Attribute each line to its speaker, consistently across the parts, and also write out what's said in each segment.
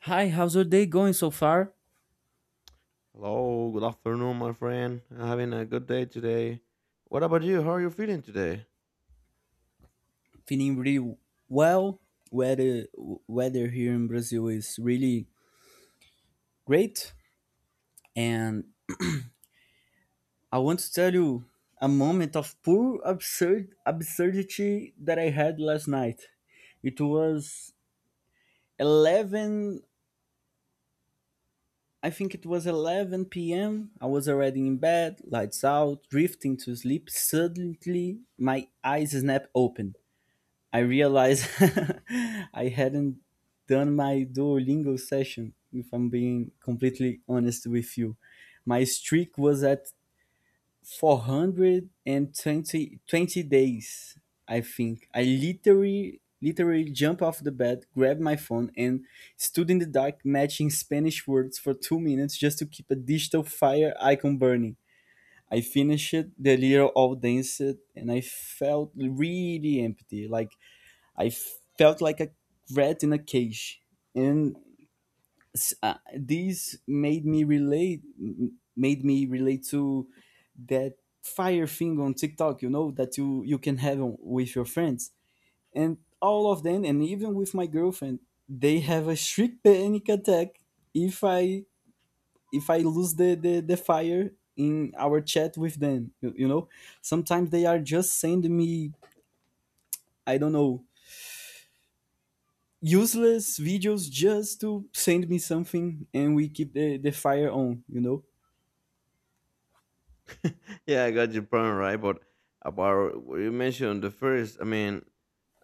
Speaker 1: Hi, how's your day going so far?
Speaker 2: Hello, good afternoon, my friend. Having a good day today. What about you? How are you feeling today?
Speaker 1: Feeling really well. Weather weather here in Brazil is really great, and I want to tell you a moment of pure absurdity that I had last night. It was 11. I think it was 11 p.m. I was already in bed, lights out, drifting to sleep. Suddenly, my eyes snap open. I realized I hadn't done my Duolingo session, if I'm being completely honest with you. My streak was at 420 20 days, I think. I literally jumped off the bed, grabbed my phone, and stood in the dark matching Spanish words for 2 minutes just to keep a digital fire icon burning. I finished the little all danced, and I felt really empty, like I felt like a rat in a cage, and this made me relate to that fire thing on TikTok. You know that you can have with your friends, and all of them, and even with my girlfriend, they have a strict panic attack if I lose the fire in our chat with them. Sometimes they are just sending me, I don't know, useless videos just to send me something, and we keep the fire on, you know?
Speaker 2: Yeah, I got your point right. But about what you mentioned the first, I mean,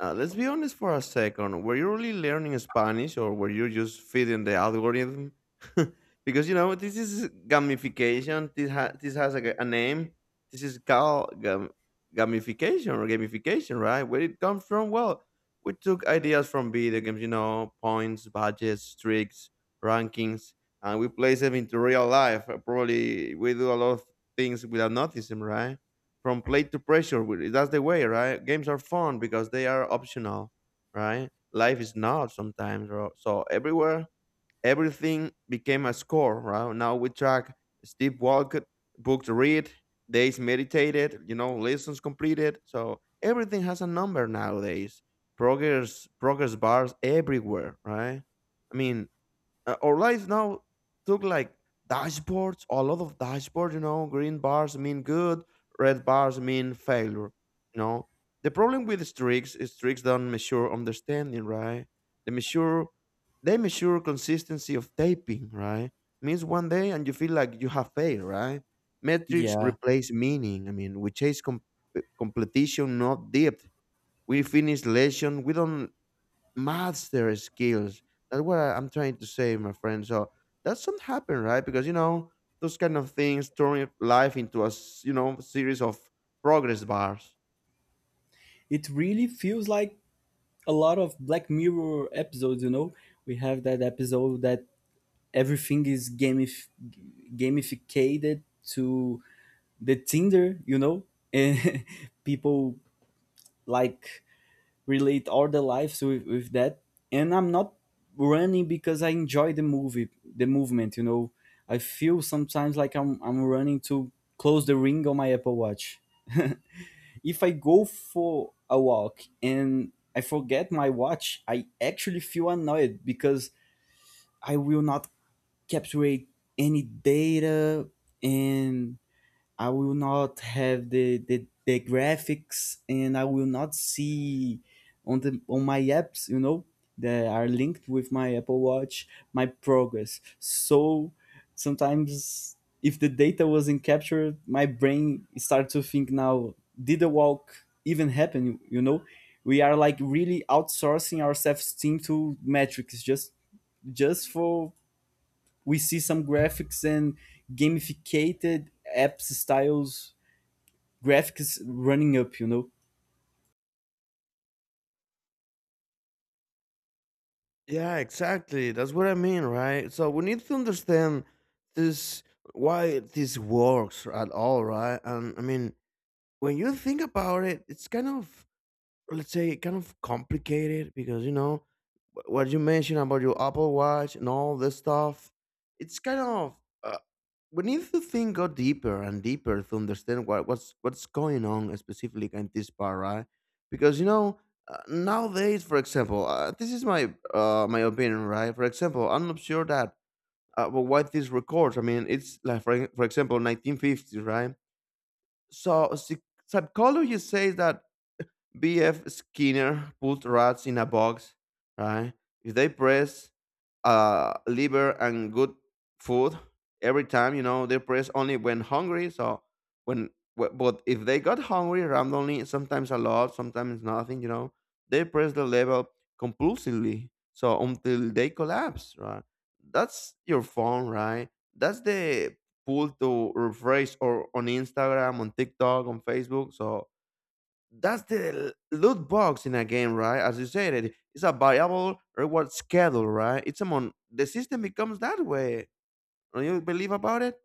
Speaker 2: uh, let's be honest for a second. Were you really learning Spanish, or were you just feeding the algorithm? Because you know this is gamification. This has a name. This is called gamification or gamification, right? Where it comes from? Well, we took ideas from video games. You know, points, budgets, tricks, rankings and we place them into real life. Probably we do a lot of things without noticing, right? From play to pressure, that's the way, right? Games are fun because they are optional, right? Life is not sometimes, bro. So everywhere, everything became a score, right? Now we track Steve Walker, book to read, days meditated, you know, lessons completed. So everything has a number nowadays. Progress, progress bars everywhere, right? I mean, our life now took like dashboards, a lot of dashboards, you know, green bars mean good, red bars mean failure, you know. The problem with streaks is streaks don't measure understanding, right? They measure they measure consistency of taping, right? Means one day and you feel like you have failed, right? Metrics
Speaker 1: Yeah.
Speaker 2: replace meaning. I mean, we chase competition, not depth. We finish lesson. We don't master skills. That's what I'm trying to say, my friend. So that doesn't happen, right? Because you know those kind of things turn your life into a you know series of progress bars.
Speaker 1: It really feels like a lot of Black Mirror episodes, you know? We have that episode that everything is gamificated to the Tinder, you know? And people like relate all the lives with that, and I'm not running because I enjoy the movement, you know. I feel sometimes like I'm running to close the ring on my Apple Watch. If I go for a walk and I forget my watch, I actually feel annoyed because I will not capture any data, and I will not have the graphics, and I will not see on my apps, you know, that are linked with my Apple Watch, my progress. So sometimes, if the data wasn't captured, my brain started to think, now, did the walk even happen? You know? We are like really outsourcing our self-esteem to metrics, just for we see some graphics and gamificated apps styles graphics running up, you know?
Speaker 2: Yeah, exactly. That's what I mean, right? So we need to understand this why this works at all, right? And I mean, when you think about it, it's kind of let's say kind of complicated because you know what you mentioned about your Apple Watch and all this stuff. It's kind of a we need to think go deeper and deeper to understand what's going on specifically in this part, right? Because you know nowadays, for example, this is my my opinion, right? For example, I'm not sure that but why these records. I mean, it's like for example, 1950s, right? So psychology says that B.F. Skinner put rats in a box, right? If they press liver and good food every time you know they press only when hungry so when but if they got hungry randomly sometimes a lot sometimes nothing you know they press the level compulsively so until they collapse right that's your phone right that's the pull to refresh or on instagram on tiktok on facebook so that's the loot box in a game, right? As you said, it's a variable reward schedule, right? It's a mon. The system becomes that way. Do you believe about it?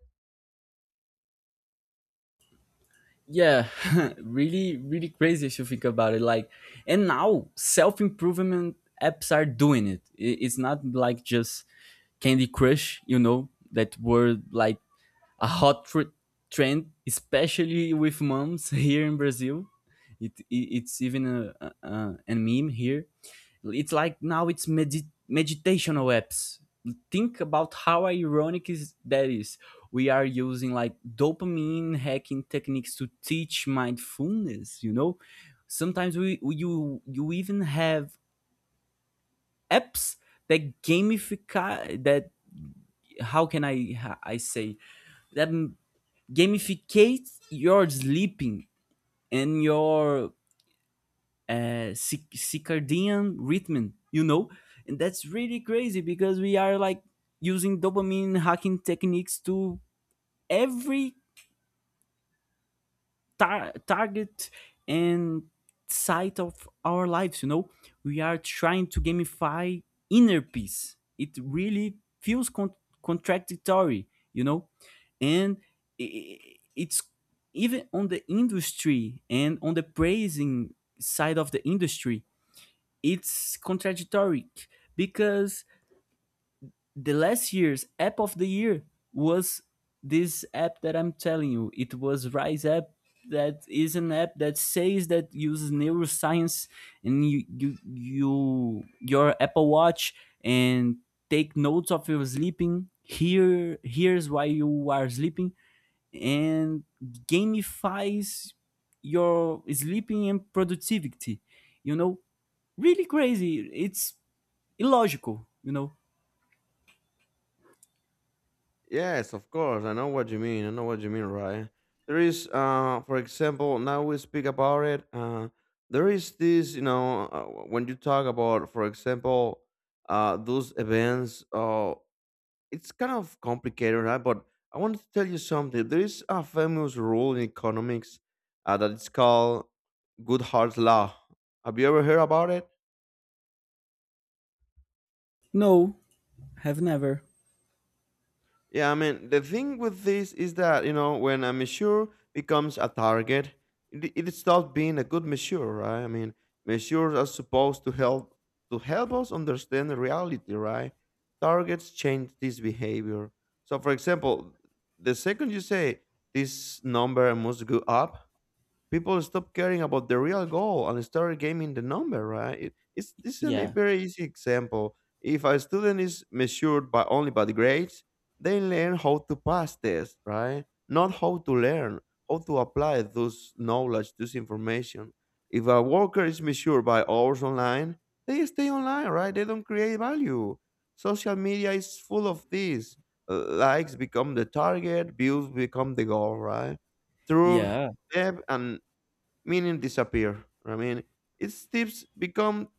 Speaker 1: Yeah. Really crazy if you think about it, like. And now self-improvement apps are doing It's not like just Candy Crush, you know, that were like a hot trend, especially with moms here in Brazil. It's even a meme here. It's like now it's meditational apps. Think about how ironic is that is. We are using like dopamine hacking techniques to teach mindfulness. You know, sometimes we you even have apps that gamify that. How can I say that gamificate your sleeping and your circadian rhythm, you know, and that's really crazy because we are like using dopamine hacking techniques to every target and side of our lives. You know, we are trying to gamify inner peace. It really feels contradictory, you know, and it's even on the industry, and on the praising side of the industry it's contradictory because the last year's app of the year was this app that I'm telling you. It was Rise app that is an app that says that uses neuroscience and your Apple Watch and take notes of your sleeping. Here's why you are sleeping, and gamifies your sleeping and productivity. You know, really crazy. It's illogical, you know?
Speaker 2: Yes, of course. I know what you mean. I know what you mean, right? For example, now we speak about it. There is this, you know, when you talk about, for example, those events. It's kind of complicated, right? But I want to tell you something. There is a famous rule in economics that it's called Goodhart's Law. Have you ever heard about it?
Speaker 1: No, have never.
Speaker 2: Yeah, I mean, the thing with this is that, you know, when a measure becomes a target, it stops being a good measure, right? I mean, measures are supposed to help us understand the reality, right? Targets change this behavior. So, for example, the second you say this number must go up, people stop caring about the real goal and start gaming the number, right? It, it's this is a
Speaker 1: Yeah.
Speaker 2: very easy example. If a student is measured by only by the grades, they learn how to pass tests, right? Not how to learn, how to apply those knowledge, this information. If a worker is measured by hours online, they stay online, right? They don't create value. Social media is full of this. Likes become the target, views become the goal, right? Through
Speaker 1: Yeah.
Speaker 2: depth and meaning disappear. I mean, its tips become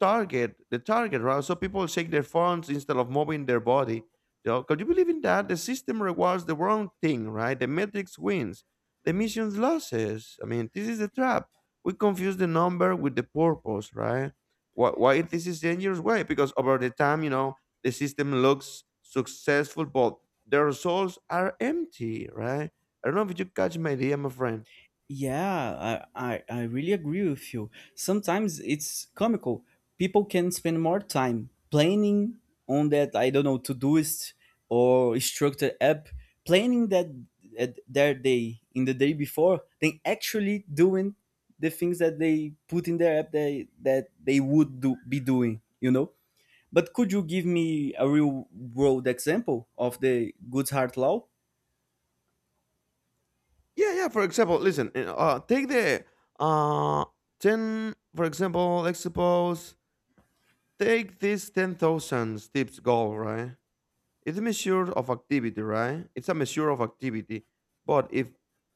Speaker 2: the target, right? So people shake their phones instead of moving their body. You know, could you believe in that? The system rewards the wrong thing, right? The metrics wins, the missions losses. I mean, this is a trap. We confuse the number with the purpose, right? Why this is dangerous way? Because over the time, you know, the system looks successful, but the results are empty, right? I don't know if you catch my idea, my friend.
Speaker 1: Yeah, I really agree with you. Sometimes it's comical. People can spend more time planning on that, I don't know, Todoist or Structure app, planning that at their day in the day before, than actually doing the things that they put in their app that they would do, be doing, you know? But could you give me a real world example of the Good Heart Law?
Speaker 2: Yeah, yeah. For example, listen. Take the uh ten. For example, let's suppose take this 10,000 steps goal, right? It's a measure of activity, right? It's a measure of activity. But if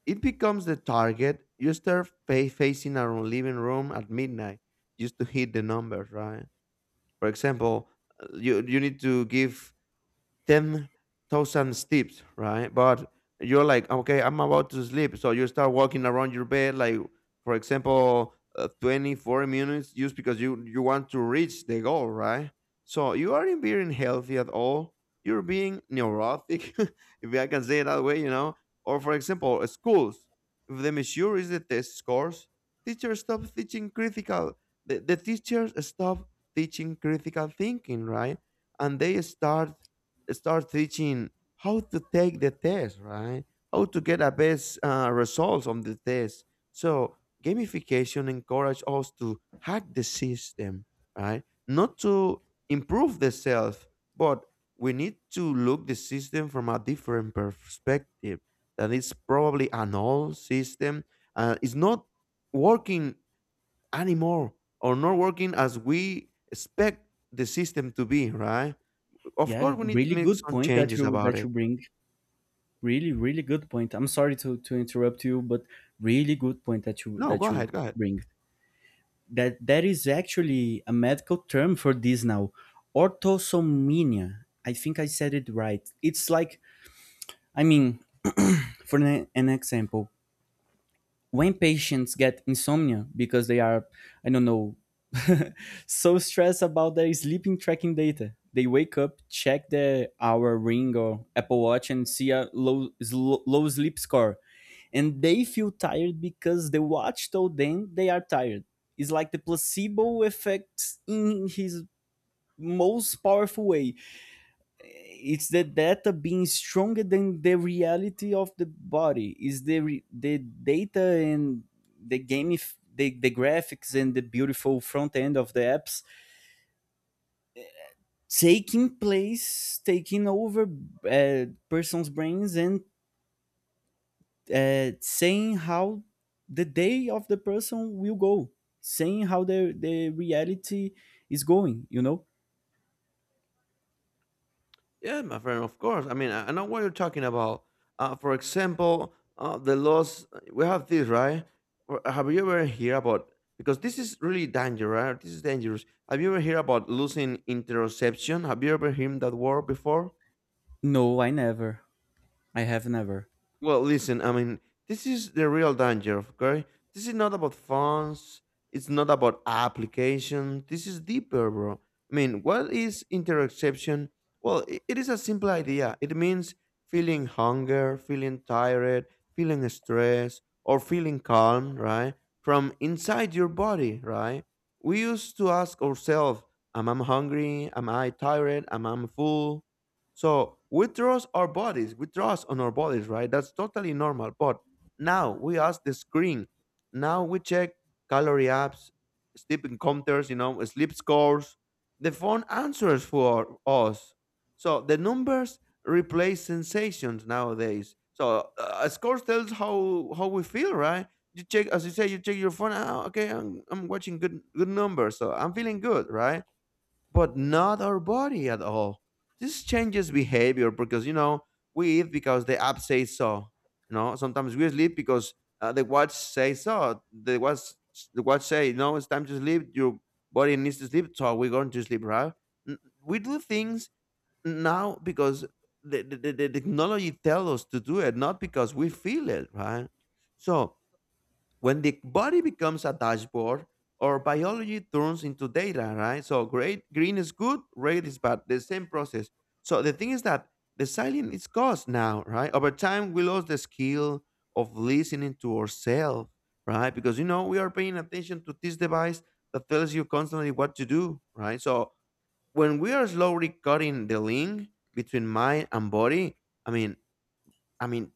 Speaker 2: it becomes the target, you start facing around living room at midnight just to hit the numbers, right? For example, you you need to give 10,000 steps, right? But you're like, okay, I'm about to sleep. So you start walking around your bed, like, for example, 24 minutes just because you want to reach the goal, right? So you aren't being healthy at all. You're being neurotic, if I can say it that way, you know? Or, for example, schools. If the measure is the test scores, teachers stop teaching critical. The teachers stop teaching critical thinking, right? And they start teaching how to take the test, right? How to get a best results on the test. So gamification encourage us to hack the system, right? Not to improve the self, but we need to look the system from a different perspective. That is probably an old system. It's not working anymore or not working as we expect the system to be, right? Of
Speaker 1: Yeah,
Speaker 2: course, we need to
Speaker 1: really
Speaker 2: make
Speaker 1: good
Speaker 2: some
Speaker 1: point that
Speaker 2: changes
Speaker 1: you
Speaker 2: about
Speaker 1: that
Speaker 2: it.
Speaker 1: you bring. Really, really good point. I'm sorry to interrupt you, but really good point that you
Speaker 2: No, go
Speaker 1: that
Speaker 2: ahead,
Speaker 1: you
Speaker 2: go ahead.
Speaker 1: bring. That is actually a medical term for this now. Orthosomnia. I think I said it right. It's like, I mean, for an example, when patients get insomnia because they are, I don't know, so stressed about their sleeping tracking data, they wake up, check their hour ring or Apple Watch, and see a low sleep score. And they feel tired because the watch told them they are tired. It's like the placebo effect in his most powerful way. It's the data being stronger than the reality of the body. Is the data, and the game, the graphics, and the beautiful front end of the apps, taking place, taking over person's brains, and saying how the day of the person will go, saying how the reality is going, you know.
Speaker 2: Yeah, my friend, of course. I mean, I know what you're talking about. For example, the laws, we have this, right? Or have you ever heard about, because this is really dangerous, right? This is dangerous. Have you ever heard about losing interception? Have you ever heard that word before?
Speaker 1: No, I have never.
Speaker 2: Well, listen, I mean, this is the real danger, okay? This is not about phones, it's not about application. This is deeper, bro. I mean, what is interoception? Well, it is a simple idea. It means feeling hunger, feeling tired, feeling stress, or feeling calm, right? From inside your body, right? We used to ask ourselves, am I hungry? Am I tired? Am I full? So we trust our bodies, we trust on our bodies, right? That's totally normal. But now we ask the screen. Now we check calorie apps, sleep counters, you know, sleep scores. The phone answers for us. So the numbers replace sensations nowadays. So a score tells how we feel, right? You check, as you say, you check your phone. Ah, okay, I'm watching good good numbers, so I'm feeling good, right? But not our body at all. This changes behavior because you know we eat because the app says so. You know sometimes we sleep because the watch says so. The watch say no, it's time to sleep. Your body needs to sleep, so we're going to sleep, right? N- We do things now because the technology tells us to do it, not because we feel it, right? So when the body becomes a dashboard, our biology turns into data, right? So great, green is good, red is bad, the same process. So the thing is that the silence is cost now, right? Over time, we lost the skill of listening to ourselves, right? Because, you know, we are paying attention to this device that tells you constantly what to do, right? So when we are slowly cutting the link between mind and body, I mean, I mean,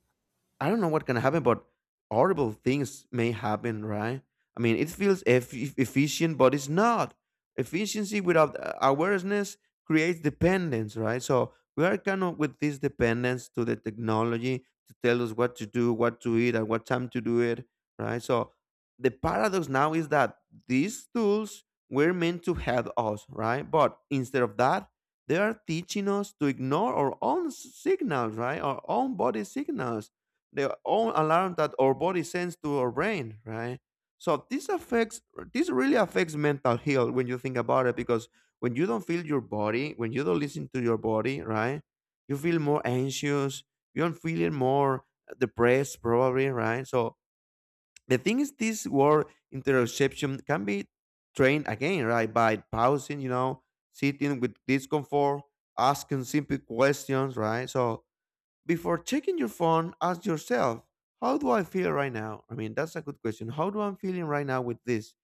Speaker 2: I don't know what can happen, but horrible things may happen, right? I mean, it feels efficient, but it's not. Efficiency without awareness creates dependence, right? So we are kind of with this dependence to the technology to tell us what to do, what to eat, at what time to do it, right? So the paradox now is that these tools were meant to help us, right? But instead of that, they are teaching us to ignore our own signals, right? Our own body signals the own alarm that our body sends to our brain, right? So this affects this really affects mental health when you think about it because when you don't feel your body, when you don't listen to your body, right? You feel more anxious, you're feeling more depressed probably, right? So the thing is this word interoception can be trained again, right? By pausing, you know, sitting with discomfort, asking simple questions, right? So before checking your phone, ask yourself, how do I feel right now? I mean, that's a good question. How do I'm feeling right now with this?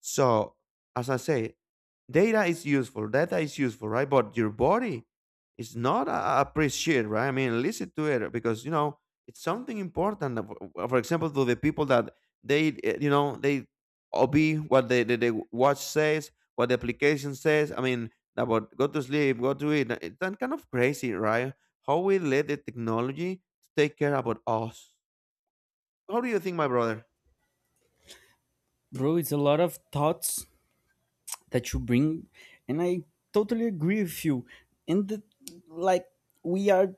Speaker 2: So, as I say, data is useful. Data is useful, right? But your body is not a appreciate, right? I mean, listen to it because you know it's something important. For example, to the people that you know, they obey what the watch says, what the application says. I mean, about go to sleep, go to eat. It's that kind of crazy, right? How we let the technology to take care about us. How do you think, my brother?
Speaker 1: Bro, it's a lot of thoughts that you bring, and I totally agree with you. And like we are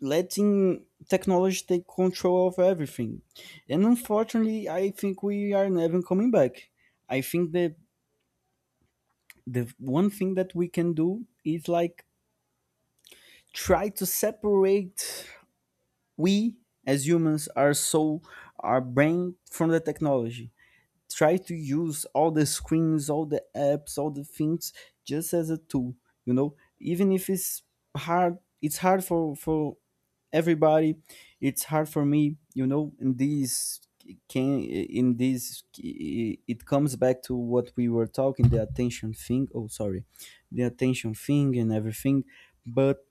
Speaker 1: letting technology take control of everything, and unfortunately I think we are never coming back. I think that the one thing that we can do is like try to separate we, as humans, our soul, our brain from the technology. Try to use all the screens, all the apps, all the things just as a tool, you know, even if it's hard, it's hard for everybody. It's hard for me, you know, in this, it comes back to what we were talking, the attention thing, oh sorry, the attention thing, and everything. But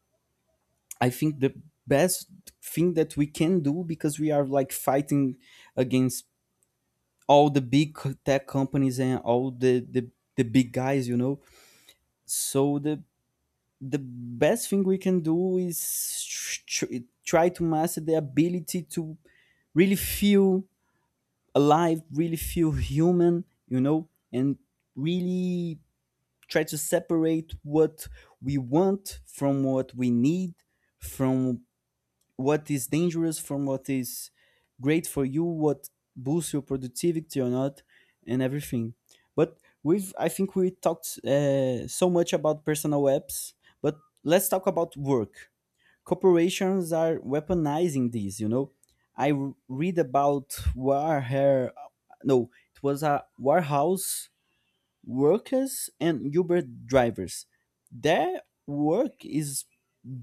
Speaker 1: I think the best thing that we can do, because we are like fighting against all the big tech companies and all the big guys, you know, so the best thing we can do is try to master the ability to really feel alive, really feel human, you know, and really try to separate what we want from what we need, from what is dangerous, from what is great for you, what boosts your productivity or not, and everything. But I think we talked so much about personal apps, but let's talk about work. Corporations are weaponizing these, you know. I read about Warhair, no, it was a warehouse workers and Uber drivers. Their work is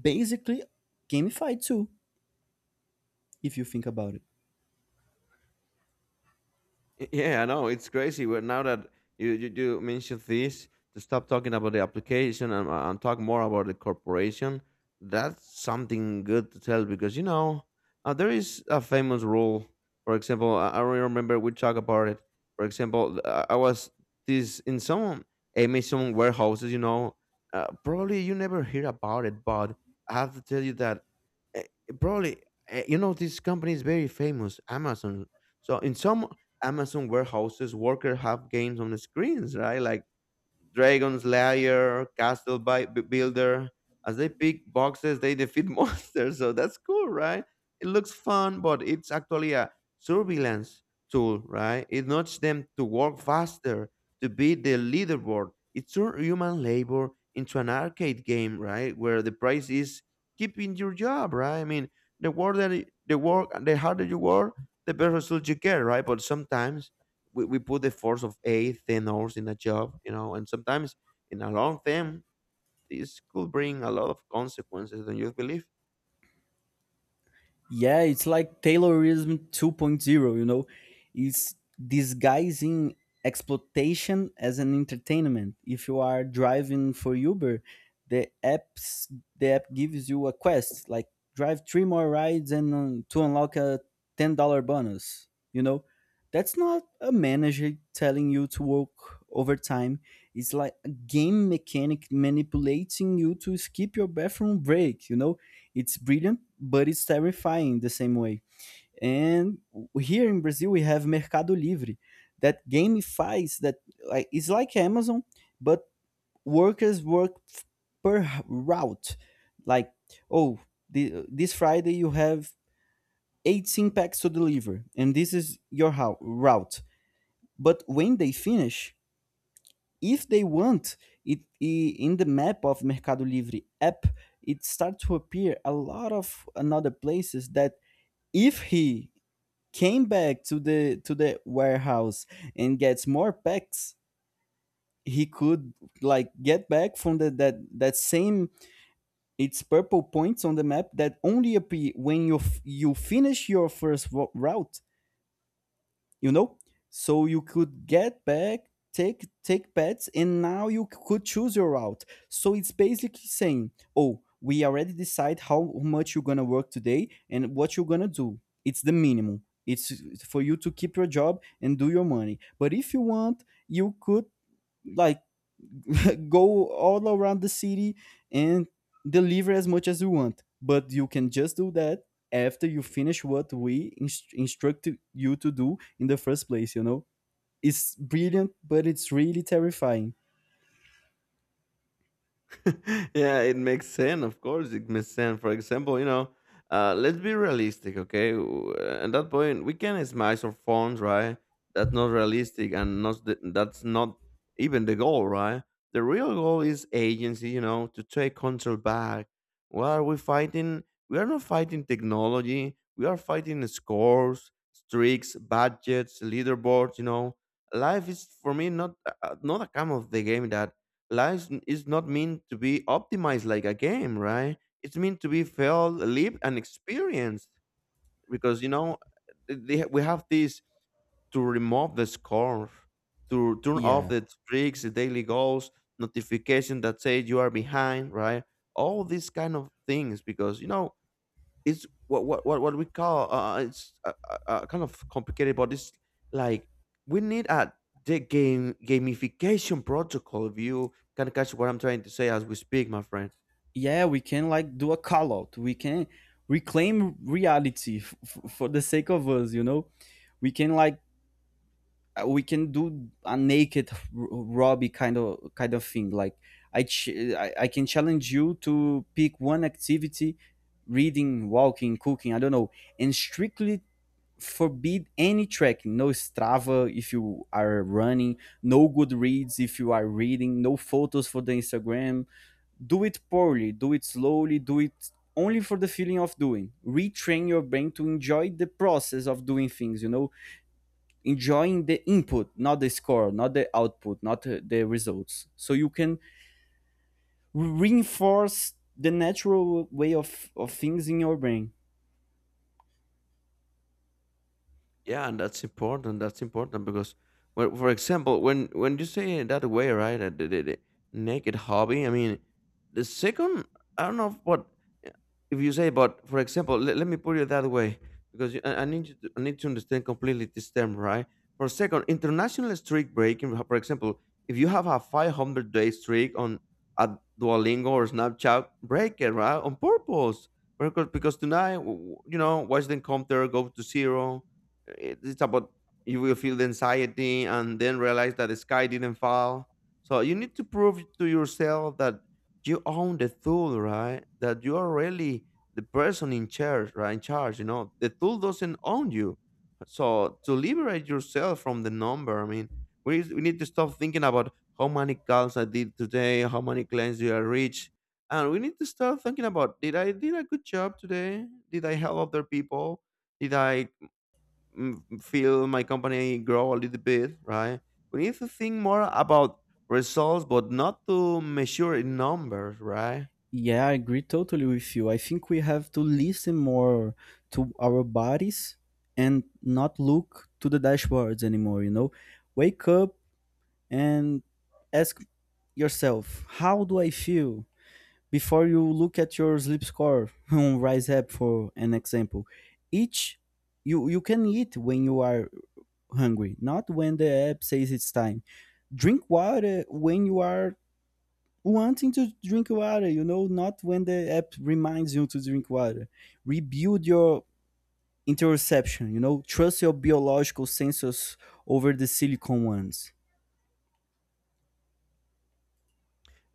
Speaker 1: basically gamified too if you think about it.
Speaker 2: Yeah, I know it's crazy. But now that you do mention this, to stop talking about the application and talk more about the corporation, that's something good to tell because you know there is a famous rule. For example, I remember we talked about it. For example, I was this in some Amazon warehouses. You know, probably you never hear about it, but I have to tell you that uh, probably you know this company is very famous, Amazon. So in some Amazon warehouses, workers have games on the screens, right? Like Dragon Slayer, Castle Builder. As they pick boxes, they defeat monsters. So that's cool, right? It looks fun, but it's actually a surveillance tool, right? It nudges them to work faster, to beat the leaderboard. It turns human labor into an arcade game, right? Where the prize is keeping your job, right? I mean, the work, the harder you work, the better result you get, right? But sometimes we put the force of 8, 10 hours in a job, you know, and sometimes in a long term, this could bring a lot of consequences, don't you believe?
Speaker 1: Yeah, it's like Taylorism 2.0, you know? It's disguising exploitation as an entertainment. If you are driving for Uber, the apps the app gives you a quest like drive three more rides, and to unlock a $10 bonus, you know? That's not a manager telling you to work overtime. It's like a game mechanic manipulating you to skip your bathroom break, you know? It's brilliant, but it's terrifying the same way. And here in Brazil, we have Mercado Livre that gamifies that, like it's like Amazon, but workers work per route. Like, oh, this Friday you have 18 packs to deliver, and this is your how, route. But when they finish, if they want, in the map of Mercado Livre app, it starts to appear a lot of another places that if he came back to the warehouse and gets more packs, he could like get back from the that same, it's purple points on the map that only appear when you you finish your first route, you know. So you could get back, take pets, and now you could choose your route, so it's basically saying, oh, we already decide how much you're gonna work today and what you're gonna do. It's the minimum, it's for you to keep your job and do your money, but if you want, you could like go all around the city and deliver as much as you want. But you can just do that after you finish what we instructed you to do in the first place, you know? It's brilliant, but it's really terrifying.
Speaker 2: Yeah, it makes sense. Of course, it makes sense. For example, you know, let's be realistic, okay? At that point, we can smash our phones, right? That's not realistic, and not the, that's not even the goal, right? The real goal is agency, you know, to take control back. What are we fighting? We are not fighting technology. We are fighting scores, streaks, budgets, leaderboards. You know, life is for me not a come of the game that is not meant to be optimized like a game, right? It's meant to be felt, lived, and experienced. Because you know, we have this to remove the score, to turn off
Speaker 1: Yeah.
Speaker 2: the streaks, the daily goals, notification that say you are behind, right? All these kind of things, because you know it's what we call it's kind of complicated but it's like we need a the game gamification protocol if you can catch what I'm trying to say as we speak my friend.
Speaker 1: Yeah, we can like do a call out. We can reclaim reality for the sake of us, you know? We can like we can do a naked Robbie kind of thing. Like I, ch- I can challenge you to pick one activity, reading, walking, cooking. I don't know, and strictly forbid any tracking. No Strava if you are running. No Goodreads if you are reading. No photos for the Instagram. Do it poorly. Do it slowly. Do it only for the feeling of doing. Retrain your brain to enjoy the process of doing things, you know. Enjoying the input, not the score, not the output, not the results, so you can reinforce the natural way of things in your brain.
Speaker 2: Yeah, and that's important. That's important because, well, for example, when you say it that way, right, the naked hobby. I mean, the second, I don't know what if you say, but for example, let me put it that way because I need you to, I need to understand completely this term, right? For a second, international streak breaking. For example, if you have a 500-day streak on a Duolingo or Snapchat, break it, right, on purpose. Because tonight, you know, watch them come there, go to zero. It- it's about you will feel the anxiety and then realize that the sky didn't fall, so you need to prove to yourself that you own the tool, right? That you are really the person in charge, right? In charge, you know, the tool doesn't own you. So to liberate yourself from the number, I mean, we need to stop thinking about how many calls I did today, how many clients did I reach, and we need to start thinking about did I did a good job today, did I help other people, did I feel my company grow a little bit, right? We need to think more about results, but not to measure in numbers, right?
Speaker 1: Yeah, I agree totally with you. I think we have to listen more to our bodies, and not look to the dashboards anymore, you know. Wake up and ask yourself, how do I feel before you look at your sleep score on Rise App, for an example. Each you can eat when you are hungry, not when the app says it's time. Drink water when you are wanting to drink water, you know, not when the app reminds you to drink water. Rebuild your interception, you know, trust your biological sensors over the silicon ones.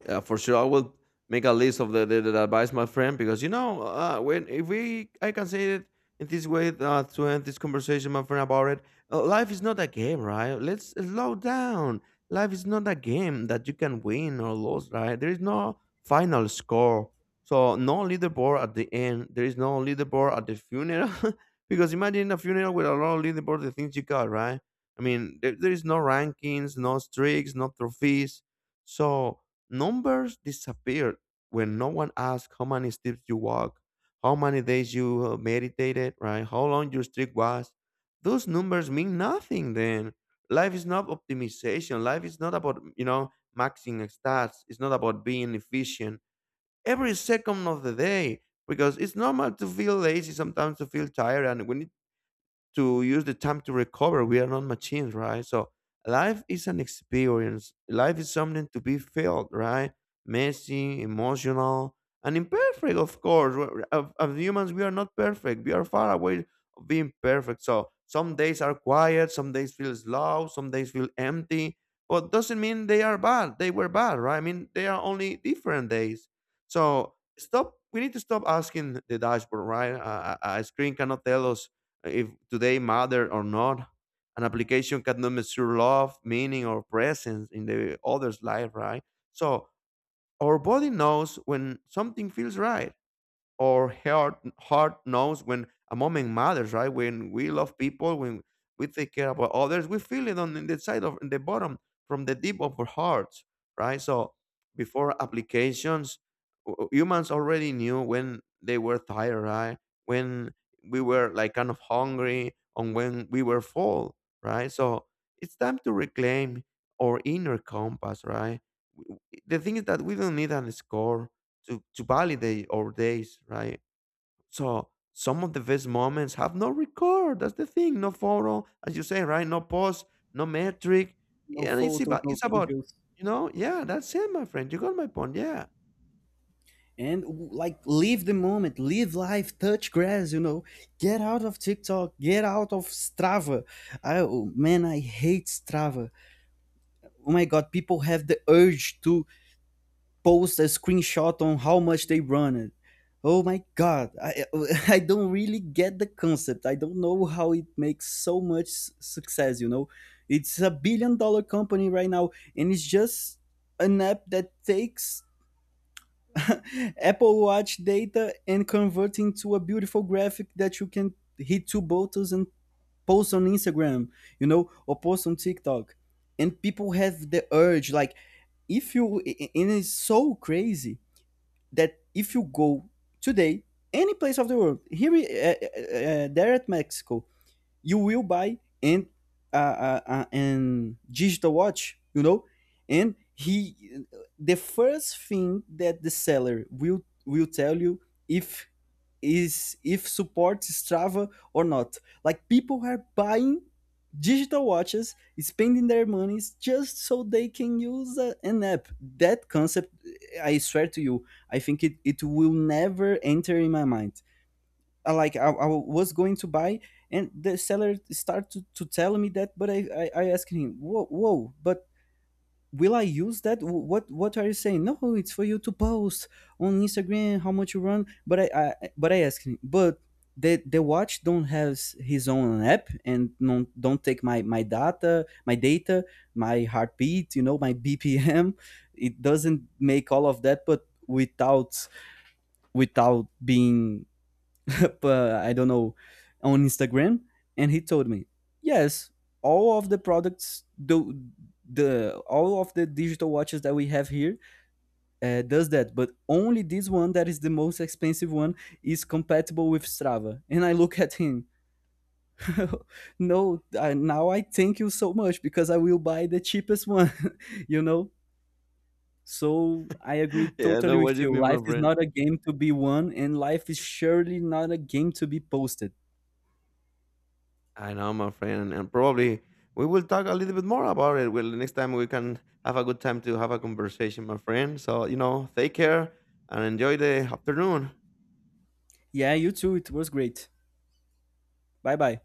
Speaker 2: Yeah, for sure. I will make a list of the advice, my friend, because you know, when if we I can say it in this way to end this conversation, my friend, about it. Life is not a game, right? Let's slow down. Life is not a game that you can win or lose, right? There is no final score. So no leaderboard at the end. There is no leaderboard at the funeral. Because imagine a funeral with a lot of leaderboard, the things you got, right? I mean, there is no rankings, no streaks, no trophies. So numbers disappeared when no one asked how many steps you walk, how many days you meditated, right? How long your streak was. Those numbers mean nothing then. Life is not optimization. Life is not about, you know, maxing stats. It's not about being efficient every second of the day because it's normal to feel lazy, sometimes to feel tired. And when to use the time to recover. We are not machines, right? So life is an experience. Life is something to be felt, right? Messy, emotional, and imperfect, of course. As humans, we are not perfect. We are far away of being perfect. So some days are quiet, some days feel slow, some days feel empty. But doesn't mean they are bad. They were bad, right? I mean, they are only different days. So stop. We need to stop asking the dashboard, right? A screen cannot tell us if today matter or not. An application cannot measure love, meaning, or presence in the other's life, right? So our body knows when something feels right. Our heart knows when a moment matters, right? When we love people, when we take care about others, we feel it on the side of in the bottom from the deep of our hearts, right? So before applications, humans already knew when they were tired, right? When we were like kind of hungry, and when we were full, right? So it's time to reclaim our inner compass, right? The thing is that we don't need an score to validate our days, right? So some of the best moments have no record. That's the thing. No photo, as you say, right? No post, no metric.
Speaker 1: No
Speaker 2: Yeah, and it's
Speaker 1: photos,
Speaker 2: about
Speaker 1: no
Speaker 2: it's about
Speaker 1: videos.
Speaker 2: you know, yeah, that's it, my friend. You got my point, yeah.
Speaker 1: And like live the moment, live life, touch grass, you know. Get out of TikTok, get out of Strava. I Oh, man, I hate Strava. Oh my God, people have the urge to post a screenshot on how much they run it. Oh my God, I I don't really get the concept. I don't know how it makes so much success, you know. It's a billion dollar company right now, and it's just an app that takes Apple Watch data and converting to a beautiful graphic that you can hit two buttons and post on Instagram, you know, or post on TikTok. And people have the urge, like, if you, and it's so crazy that if you go today, any place of the world, here, there at Mexico, you will buy and and digital watch, you know. And he the first thing that the seller will tell you if, is if supports Strava or not. Like people are buying digital watches, spending their monies just so they can use an app that concept. I swear to you, I think it will never enter in my mind. I was going to buy, and the seller started to tell me that, but I asked him, whoa whoa, but will I use that? What are you saying? No, it's for you to post on Instagram how much you run, but I asked him, but the watch don't have his own app, and don't take my data, my heartbeat, you know, my BPM. It doesn't make all of that, but without being I don't know, on Instagram. And he told me, yes, all of the products do the all of the digital watches that we have here does that, but only this one that is the most expensive one is compatible with Strava. And I look at him, no, now I thank you so much because I will buy the cheapest one, you know. So I agree
Speaker 2: Yeah, I
Speaker 1: totally
Speaker 2: know what
Speaker 1: with
Speaker 2: you
Speaker 1: you.
Speaker 2: mean, my
Speaker 1: Life is
Speaker 2: friend.
Speaker 1: not a game to be won, and life is surely not a game to be posted.
Speaker 2: I know, my friend, and probably we will talk a little bit more about it. Well, the next time we can have a good time to have a conversation, my friend. So you know, take care and enjoy the afternoon.
Speaker 1: Yeah, you too. It was great. Bye bye.